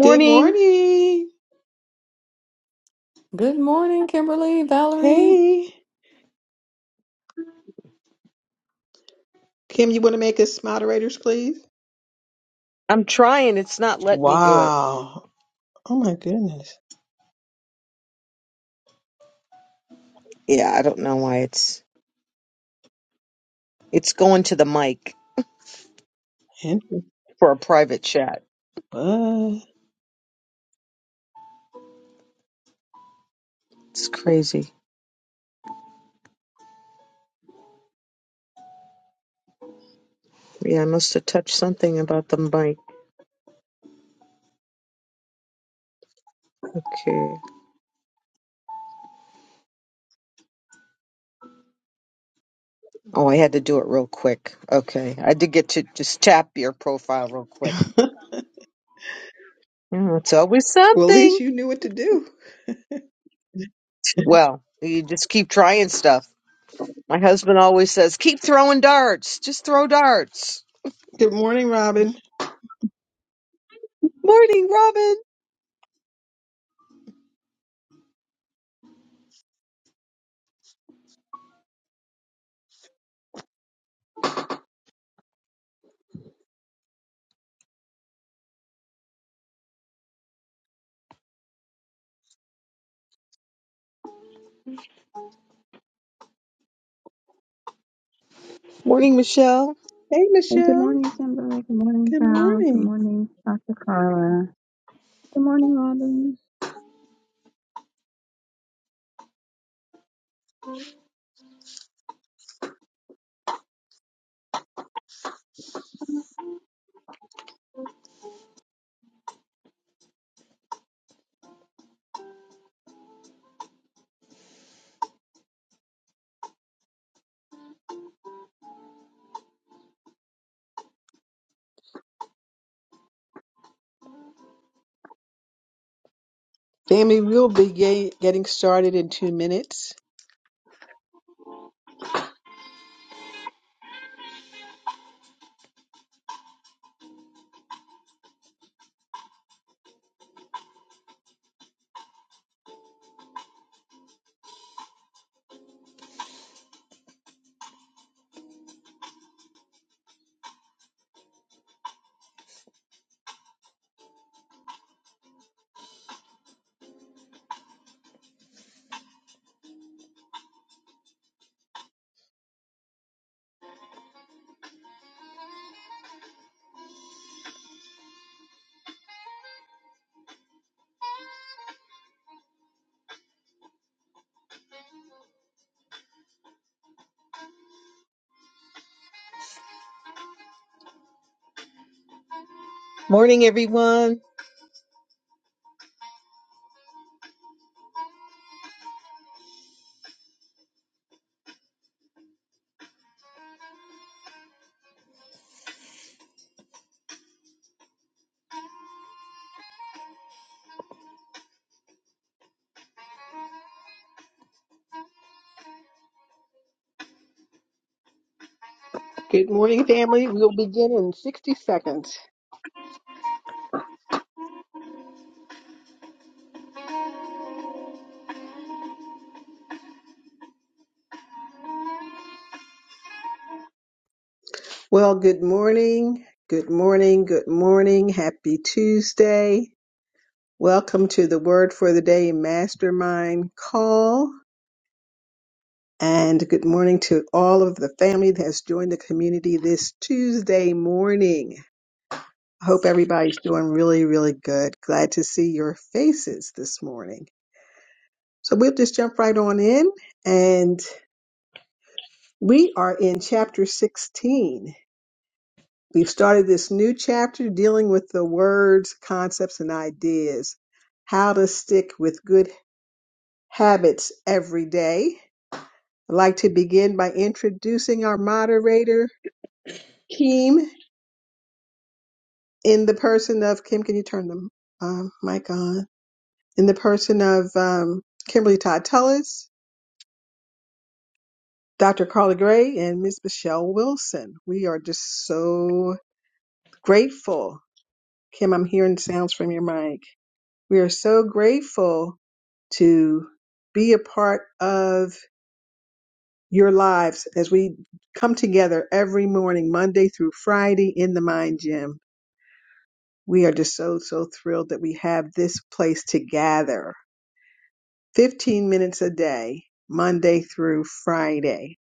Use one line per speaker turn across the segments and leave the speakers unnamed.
Good morning.
Good morning, Kimberly, Valerie.
Hey. Kim, you want to make us moderators, please?
I'm trying. It's not letting me do it.
Wow. Oh my goodness.
Yeah, I don't know why it's it's going to the mic
Andrew,
for a private chat.
What?
It's crazy. Yeah, I must have touched something about the mic. Okay. Oh, I had to do it real quick. Okay. I did get to just tap your profile real quick. Yeah, it's always
Well, at least
something.
you knew what to do.
Well, you just keep trying stuff. My husband always says, keep throwing darts. Just throw darts.
Good morning, Robin.
Morning, Robin. Morning, Michelle.
Hey,
Hey, good
Michelle.
morning, Kimberly. Good morning,
Good
Val. Good
morning.
morning, Dr. Carla. Good morning, Robin.
Family, we'll be ga- getting started in two minutes.
Morning, everyone.
Good morning, family. We'll begin in 60 seconds. Well, good morning. Good morning. Good morning. Happy Tuesday. Welcome to the Word for the Day Mastermind Call. And good morning to all of the family that has joined the community this Tuesday morning. I hope everybody's doing really, really good. Glad to see your faces this morning. So we'll just jump right on in. And we are in chapter 16. We've started this new chapter dealing with the words, concepts, and ideas. How to stick with good habits every day I'd like to begin by introducing our moderator, Kim, in the person of Kim. Can you turn the um, mic on? In the person of um, Kimberly Todd Tullis, Dr. Carla Gray, and Ms. Michelle Wilson. We are just so grateful. Kim, I'm hearing sounds from your mic. We are so grateful to be a part of your lives as we come together every morning, Monday through Friday in the Mind Gym We are just so, so thrilled that we have this place to gather 15 minutes a day, Monday through Friday.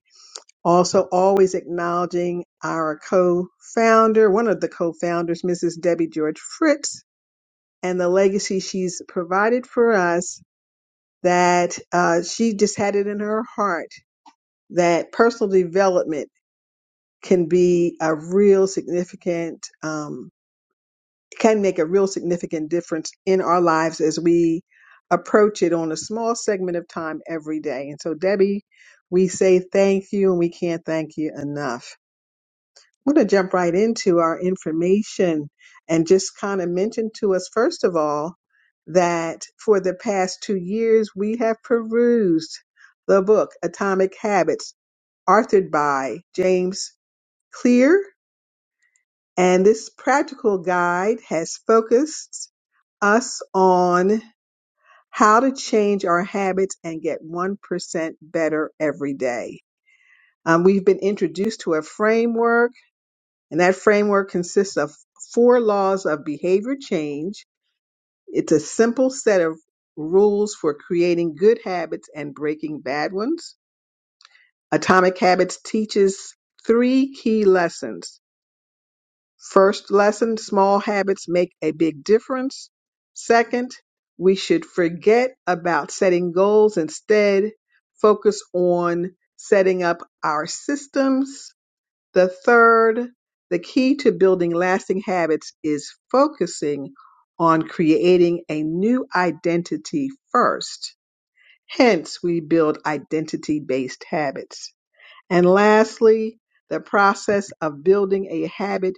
Also, always acknowledging our co founder, one of the co founders, Mrs. Debbie George Fritz, and the legacy she's provided for us that uh, she just had it in her heart that personal development can be a real significant um, can make a real significant difference in our lives as we approach it on a small segment of time every day. And so, Debbie, we say thank you and we can't thank you enough. I'm going to jump right into our information and just kind of mention to us, first of all, that for the past two years, we have perused the book Atomic Habits, authored by James Clear and this practical guide has focused us on how to change our habits and get 1% better every day. Um, we've been introduced to a framework, and that framework consists of four laws of behavior change. It's a simple set of rules for creating good habits and breaking bad ones. Atomic Habits teaches three key lessons. First lesson, small habits make a big difference. Second, we should forget about setting goals. Instead, focus on setting up our systems. The third, the key to building lasting habits is focusing on creating a new identity first. Hence, we build identity based habits. And lastly, the process of building a habit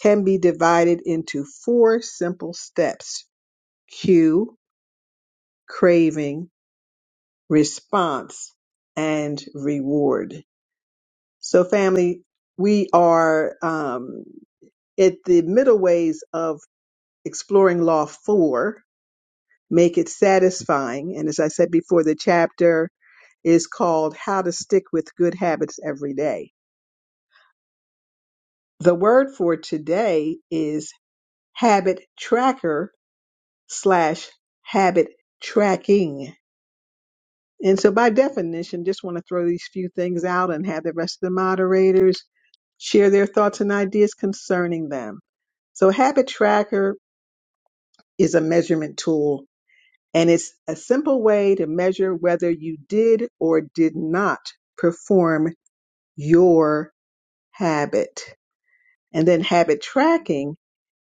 can be divided into four simple steps cue, craving, response, and reward. So, family, we are um, at the middle ways of exploring Law 4 Make It Satisfying. And as I said before, the chapter is called How to Stick with Good Habits Every Day. The word for today is habit tracker slash habit tracking And so, by definition, just want to throw these few things out and have the rest of the moderators share their thoughts and ideas concerning them. So, Habit Tracker is a measurement tool, and it's a simple way to measure whether you did or did not perform your habit. And then, habit tracking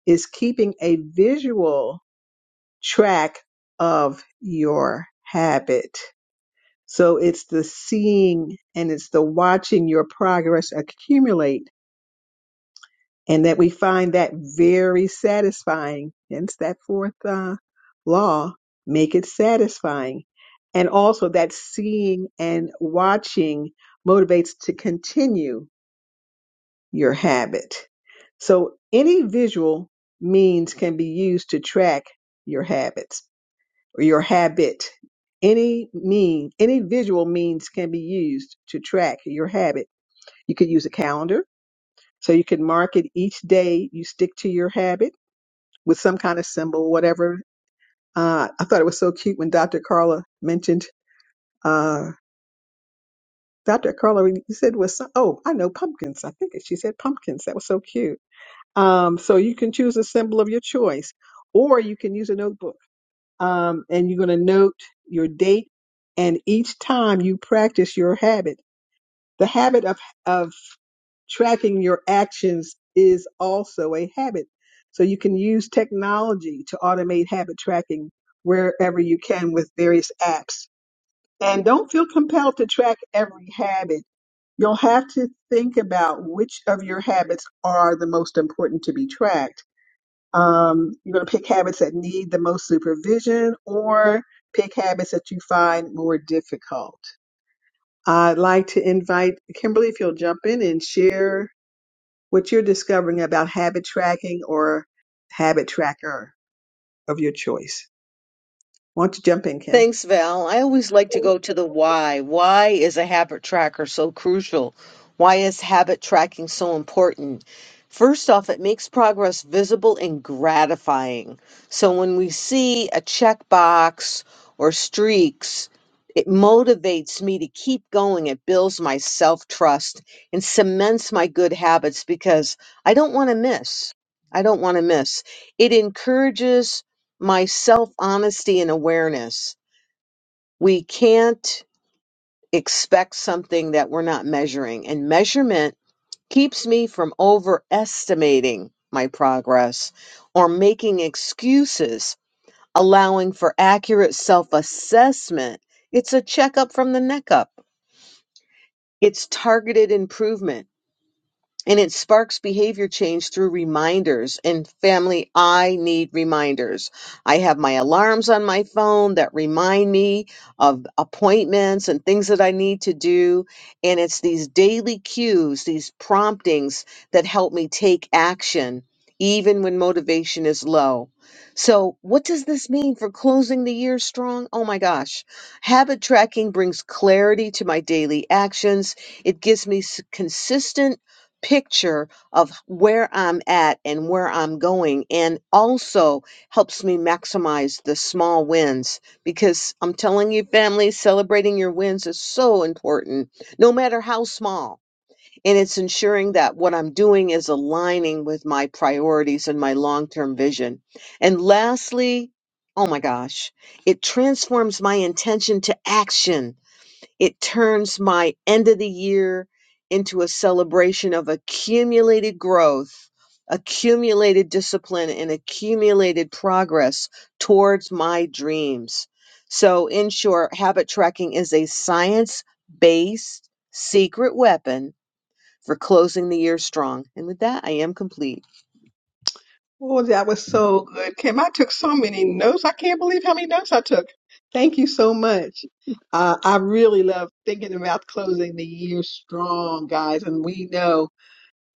is keeping a visual track of your habit. So it's the seeing and it's the watching your progress accumulate and that we find that very satisfying. Hence that fourth uh, law, make it satisfying. And also that seeing and watching motivates to continue your habit. So any visual means can be used to track your habits or your habit. Any mean, any visual means can be used to track your habit. You could use a calendar, so you can mark it each day you stick to your habit with some kind of symbol, whatever. Uh, I thought it was so cute when Dr. Carla mentioned, uh, Dr. Carla, you said was some, oh, I know pumpkins. I think she said pumpkins. That was so cute. Um, so you can choose a symbol of your choice, or you can use a notebook um, and you're going to note your date. And each time you practice your habit, the habit of of tracking your actions is also a habit. So you can use technology to automate habit tracking wherever you can with various apps. And don't feel compelled to track every habit. You'll have to think about which of your habits are the most important to be tracked um, you're going to pick habits that need the most supervision or pick habits that you find more difficult. I'd like to invite Kimberly if you'll jump in and share what you're discovering about habit tracking or habit tracker of your choice. Why don't you jump in, Kim?
Thanks, Val. I always like to go to the why. Why is a habit tracker so crucial? Why is habit tracking so important? First off, it makes progress visible and gratifying. So when we see a checkbox or streaks, it motivates me to keep going. It builds my self trust and cements my good habits because I don't want to miss. I don't want to miss. It encourages my self honesty and awareness we can't expect something that we're not measuring. And measurement keeps me from overestimating my progress or making excuses, allowing for accurate self assessment. It's a checkup from the neck up, it's targeted improvement. And it sparks behavior change through reminders. And family, I need reminders. I have my alarms on my phone that remind me of appointments and things that I need to do. And it's these daily cues, these promptings that help me take action, even when motivation is low. So, what does this mean for closing the year strong? Oh my gosh. Habit tracking brings clarity to my daily actions. It gives me s- consistent picture of where I'm at and where I'm going, and also helps me maximize the small wins because I'm telling you, family, celebrating your wins is so important, no matter how small. And it's ensuring that what I'm doing is aligning with my priorities and my long term vision. And lastly, oh my gosh, it transforms my intention to action it turns my end of the year into a celebration of accumulated growth, accumulated discipline, and accumulated progress towards my dreams. So, in short, habit tracking is a science based secret weapon for closing the year strong. And with that, I am complete.
Oh, that was so good, Kim. I took so many notes. I can't believe how many notes I took. Thank you so much. Uh, I really love thinking about closing the year strong, guys. And we know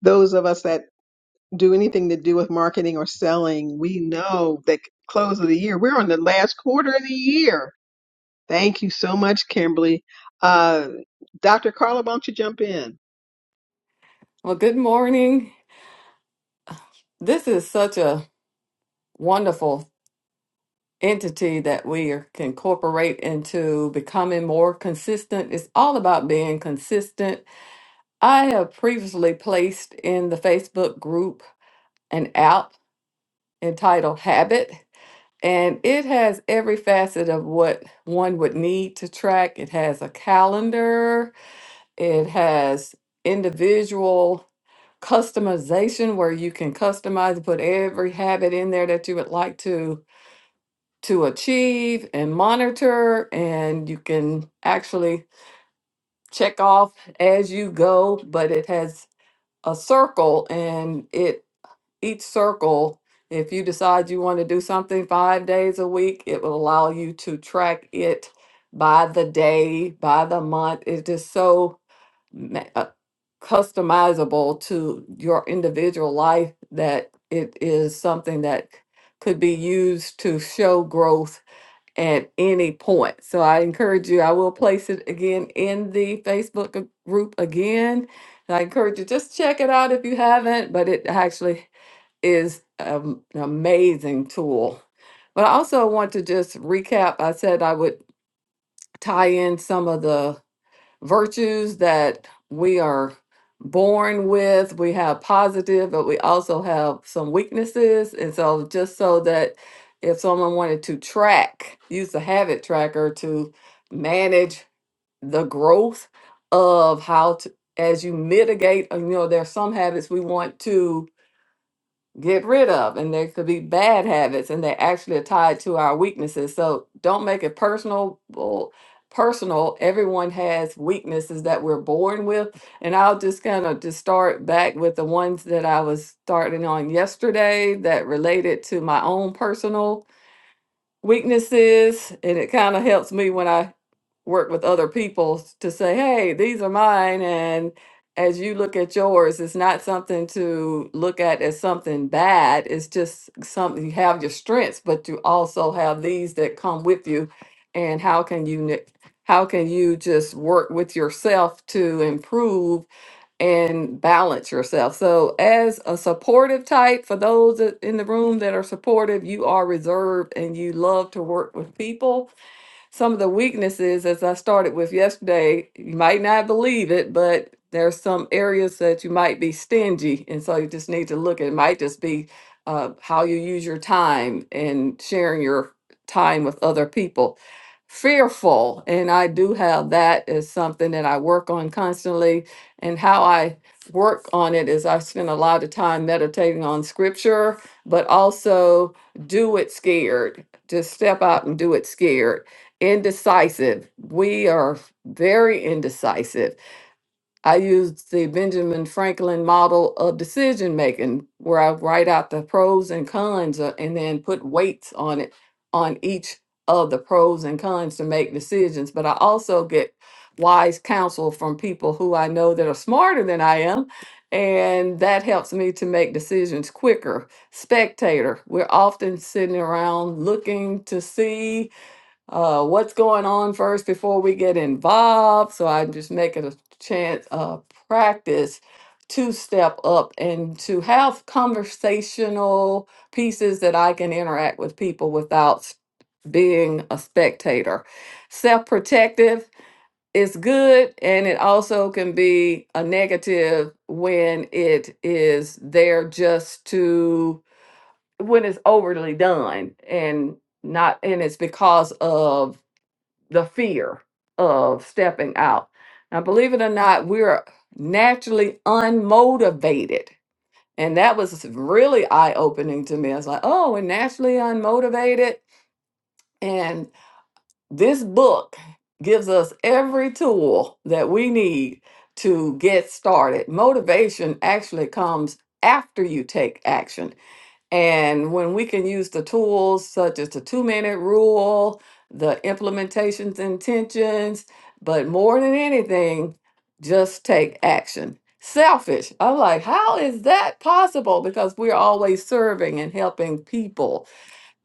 those of us that do anything to do with marketing or selling, we know that close of the year, we're on the last quarter of the year. Thank you so much, Kimberly. Uh, Dr. Carla, why don't you jump in?
Well, good morning. This is such a wonderful entity that we are- can incorporate into becoming more consistent. It's all about being consistent. I have previously placed in the Facebook group an app entitled Habit, and it has every facet of what one would need to track. It has a calendar, it has individual customization where you can customize and put every habit in there that you would like to to achieve and monitor and you can actually check off as you go but it has a circle and it each circle if you decide you want to do something 5 days a week it will allow you to track it by the day by the month it's just so ma- uh, customizable to your individual life that it is something that c- could be used to show growth at any point. So I encourage you, I will place it again in the Facebook g- group again. And I encourage you just check it out if you haven't, but it actually is um, an amazing tool. But I also want to just recap. I said I would tie in some of the virtues that we are born with. We have positive, but we also have some weaknesses. And so, just so that if someone wanted to track, use the habit tracker to manage the growth of how to, as you mitigate, uh, you know, there are some habits we want to get rid of and there could be bad habits and they actually are tied to our weaknesses so don't make it personal well, personal everyone has weaknesses that we're born with and i'll just kind of just start back with the ones that i was starting on yesterday that related to my own personal weaknesses and it kind of helps me when I work with other people s- to say, hey, these are mine. And as you look at yours, it's not something to look at as something bad. It's just something you have your strengths, but you also have these that come with you. And how can you, ne- how can you just work with yourself to improve and balance yourself. So, as a supportive type, for those that- in the room that are supportive, you are reserved and you love to work with people some of the weaknesses as I started with yesterday. You might not believe it, but there's some areas that you might be stingy, and so you just need to look. at It might just be uh, how you use your time and sharing your time with other people. Fearful, and I do have that as something that I work on constantly, and how I work on it is I spend a lot of time meditating on scripture, but also do it scared. Just step out and do it scared Indecisive. We are very indecisive. I use the Benjamin Franklin model of decision making, where I write out the pros and cons uh, and then put weights on it, on each of the pros and cons to make decisions. But I also get wise counsel from people who I know that are smarter than I am. And that helps me to make decisions quicker. Spectator, we're often sitting around looking to see uh, what's going on first before we get involved. So I'm just making a chance, uh, practice to step up and to have conversational pieces that I can interact with people without s- being a spectator. Self protective is good, and it also can be a negative when it is there just to, when it's overly done and not, and it's because of the fear of stepping out. Now, believe it or not, we're naturally unmotivated. And that was really eye opening to me. I was like, oh, we're naturally unmotivated. And this book gives us every tool that we need to get started. Motivation actually comes after you take action and when we can use the tools such as the two minute rule, the implementations intentions, but more than anything, just take action. Selfish. I'm like, how is that possible? Because we're always serving and helping people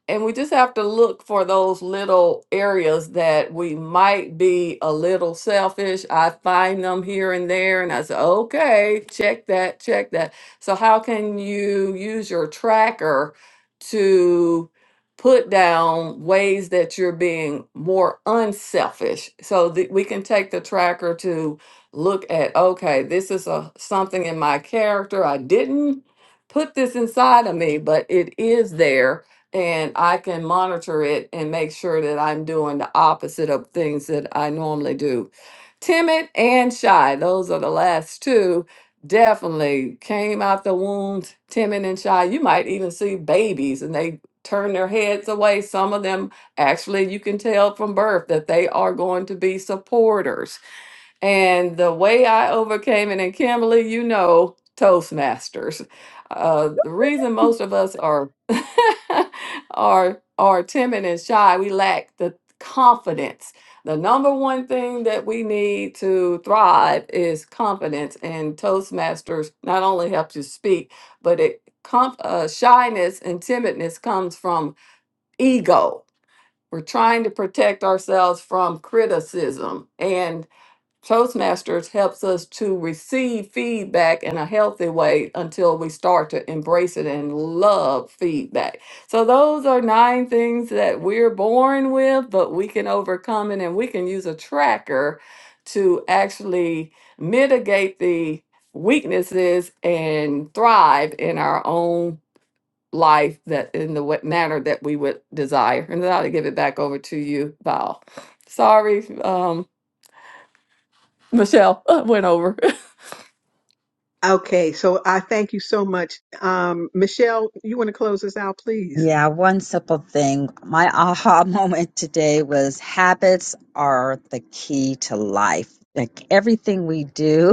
and we just have to look for those little areas that we might be a little selfish. I find them here and there, and I say, okay, check that, check that. So, how can you use your tracker to put down ways that you're being more unselfish so that we can take the tracker to look at, okay, this is a something in my character. I didn't put this inside of me, but it is there and I can monitor it and make sure that I'm doing the opposite of things that I normally do. Timid and shy, those are the last two. Definitely came out the womb timid and shy. You might even see babies and they turn their heads away. Some of them, actually, you can tell from birth that they are going to be supporters and the way I overcame it, and Kimberly, you know, Toastmasters. Uh, the reason most of us are are are timid and shy, we lack the confidence. The number one thing that we need to thrive is confidence, and Toastmasters not only helps you speak, but it com- uh, shyness and timidness comes from ego. We're trying to protect ourselves from criticism and Toastmasters helps us to receive feedback in a healthy way until we start to embrace it and love feedback. So, those are nine things that we're born with, but we can overcome it and we can use a tracker to actually mitigate the weaknesses and thrive in our own life that in the wa- manner that we would desire. And then I'll give it back over to you, Val. Sorry, um, Michelle went over.
Okay, so I thank you so much. Um, Michelle, you want to close us out, please?
Yeah, one simple thing. My aha moment today was habits are the key to life. Like everything we do.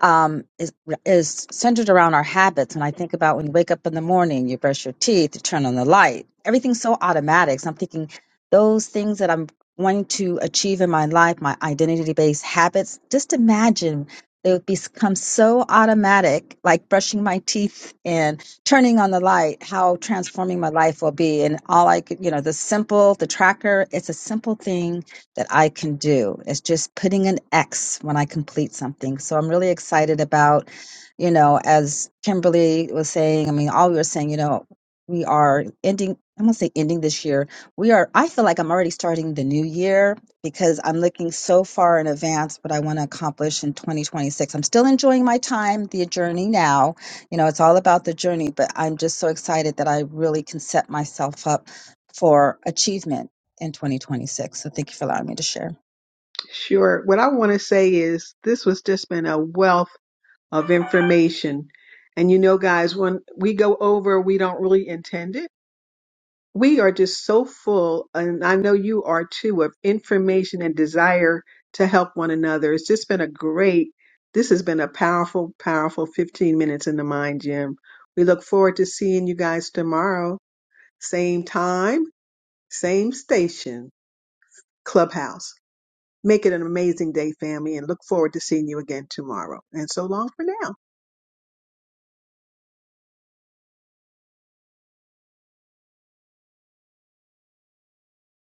um, is, is centered around our habits. When I think about when you wake up in the morning, you brush your teeth, you turn on the light, everything's so automatic. So I'm thinking those things that I'm wanting to achieve in my life, my identity based habits, just imagine they would become so automatic, like brushing my teeth and turning on the light, how transforming my life will be. And all I could, you know, the simple, the tracker, it's a simple thing that I can do. It's just putting an X when I complete something. So I'm really excited about, you know, as Kimberly was saying, I mean, all we were saying, you know, we are ending, I'm gonna say ending this year. We are, I feel like I'm already starting the new year because I'm looking so far in advance what I want to accomplish in 2026. I'm still enjoying my time, the journey now. You know, it's all about the journey, but I'm just so excited that I really can set myself up for achievement in 2026. So thank you for allowing me to share.
Sure. What I want to say is this was just been a wealth of information. And you know, guys, when we go over, we don't really intend it. We are just so full, and I know you are too, of information and desire to help one another. It's just been a great, this has been a powerful, powerful 15 minutes in the mind gym. We look forward to seeing you guys tomorrow, same time, same station, Clubhouse. Make it an amazing day, family, and look forward to seeing you again tomorrow. And so long for now.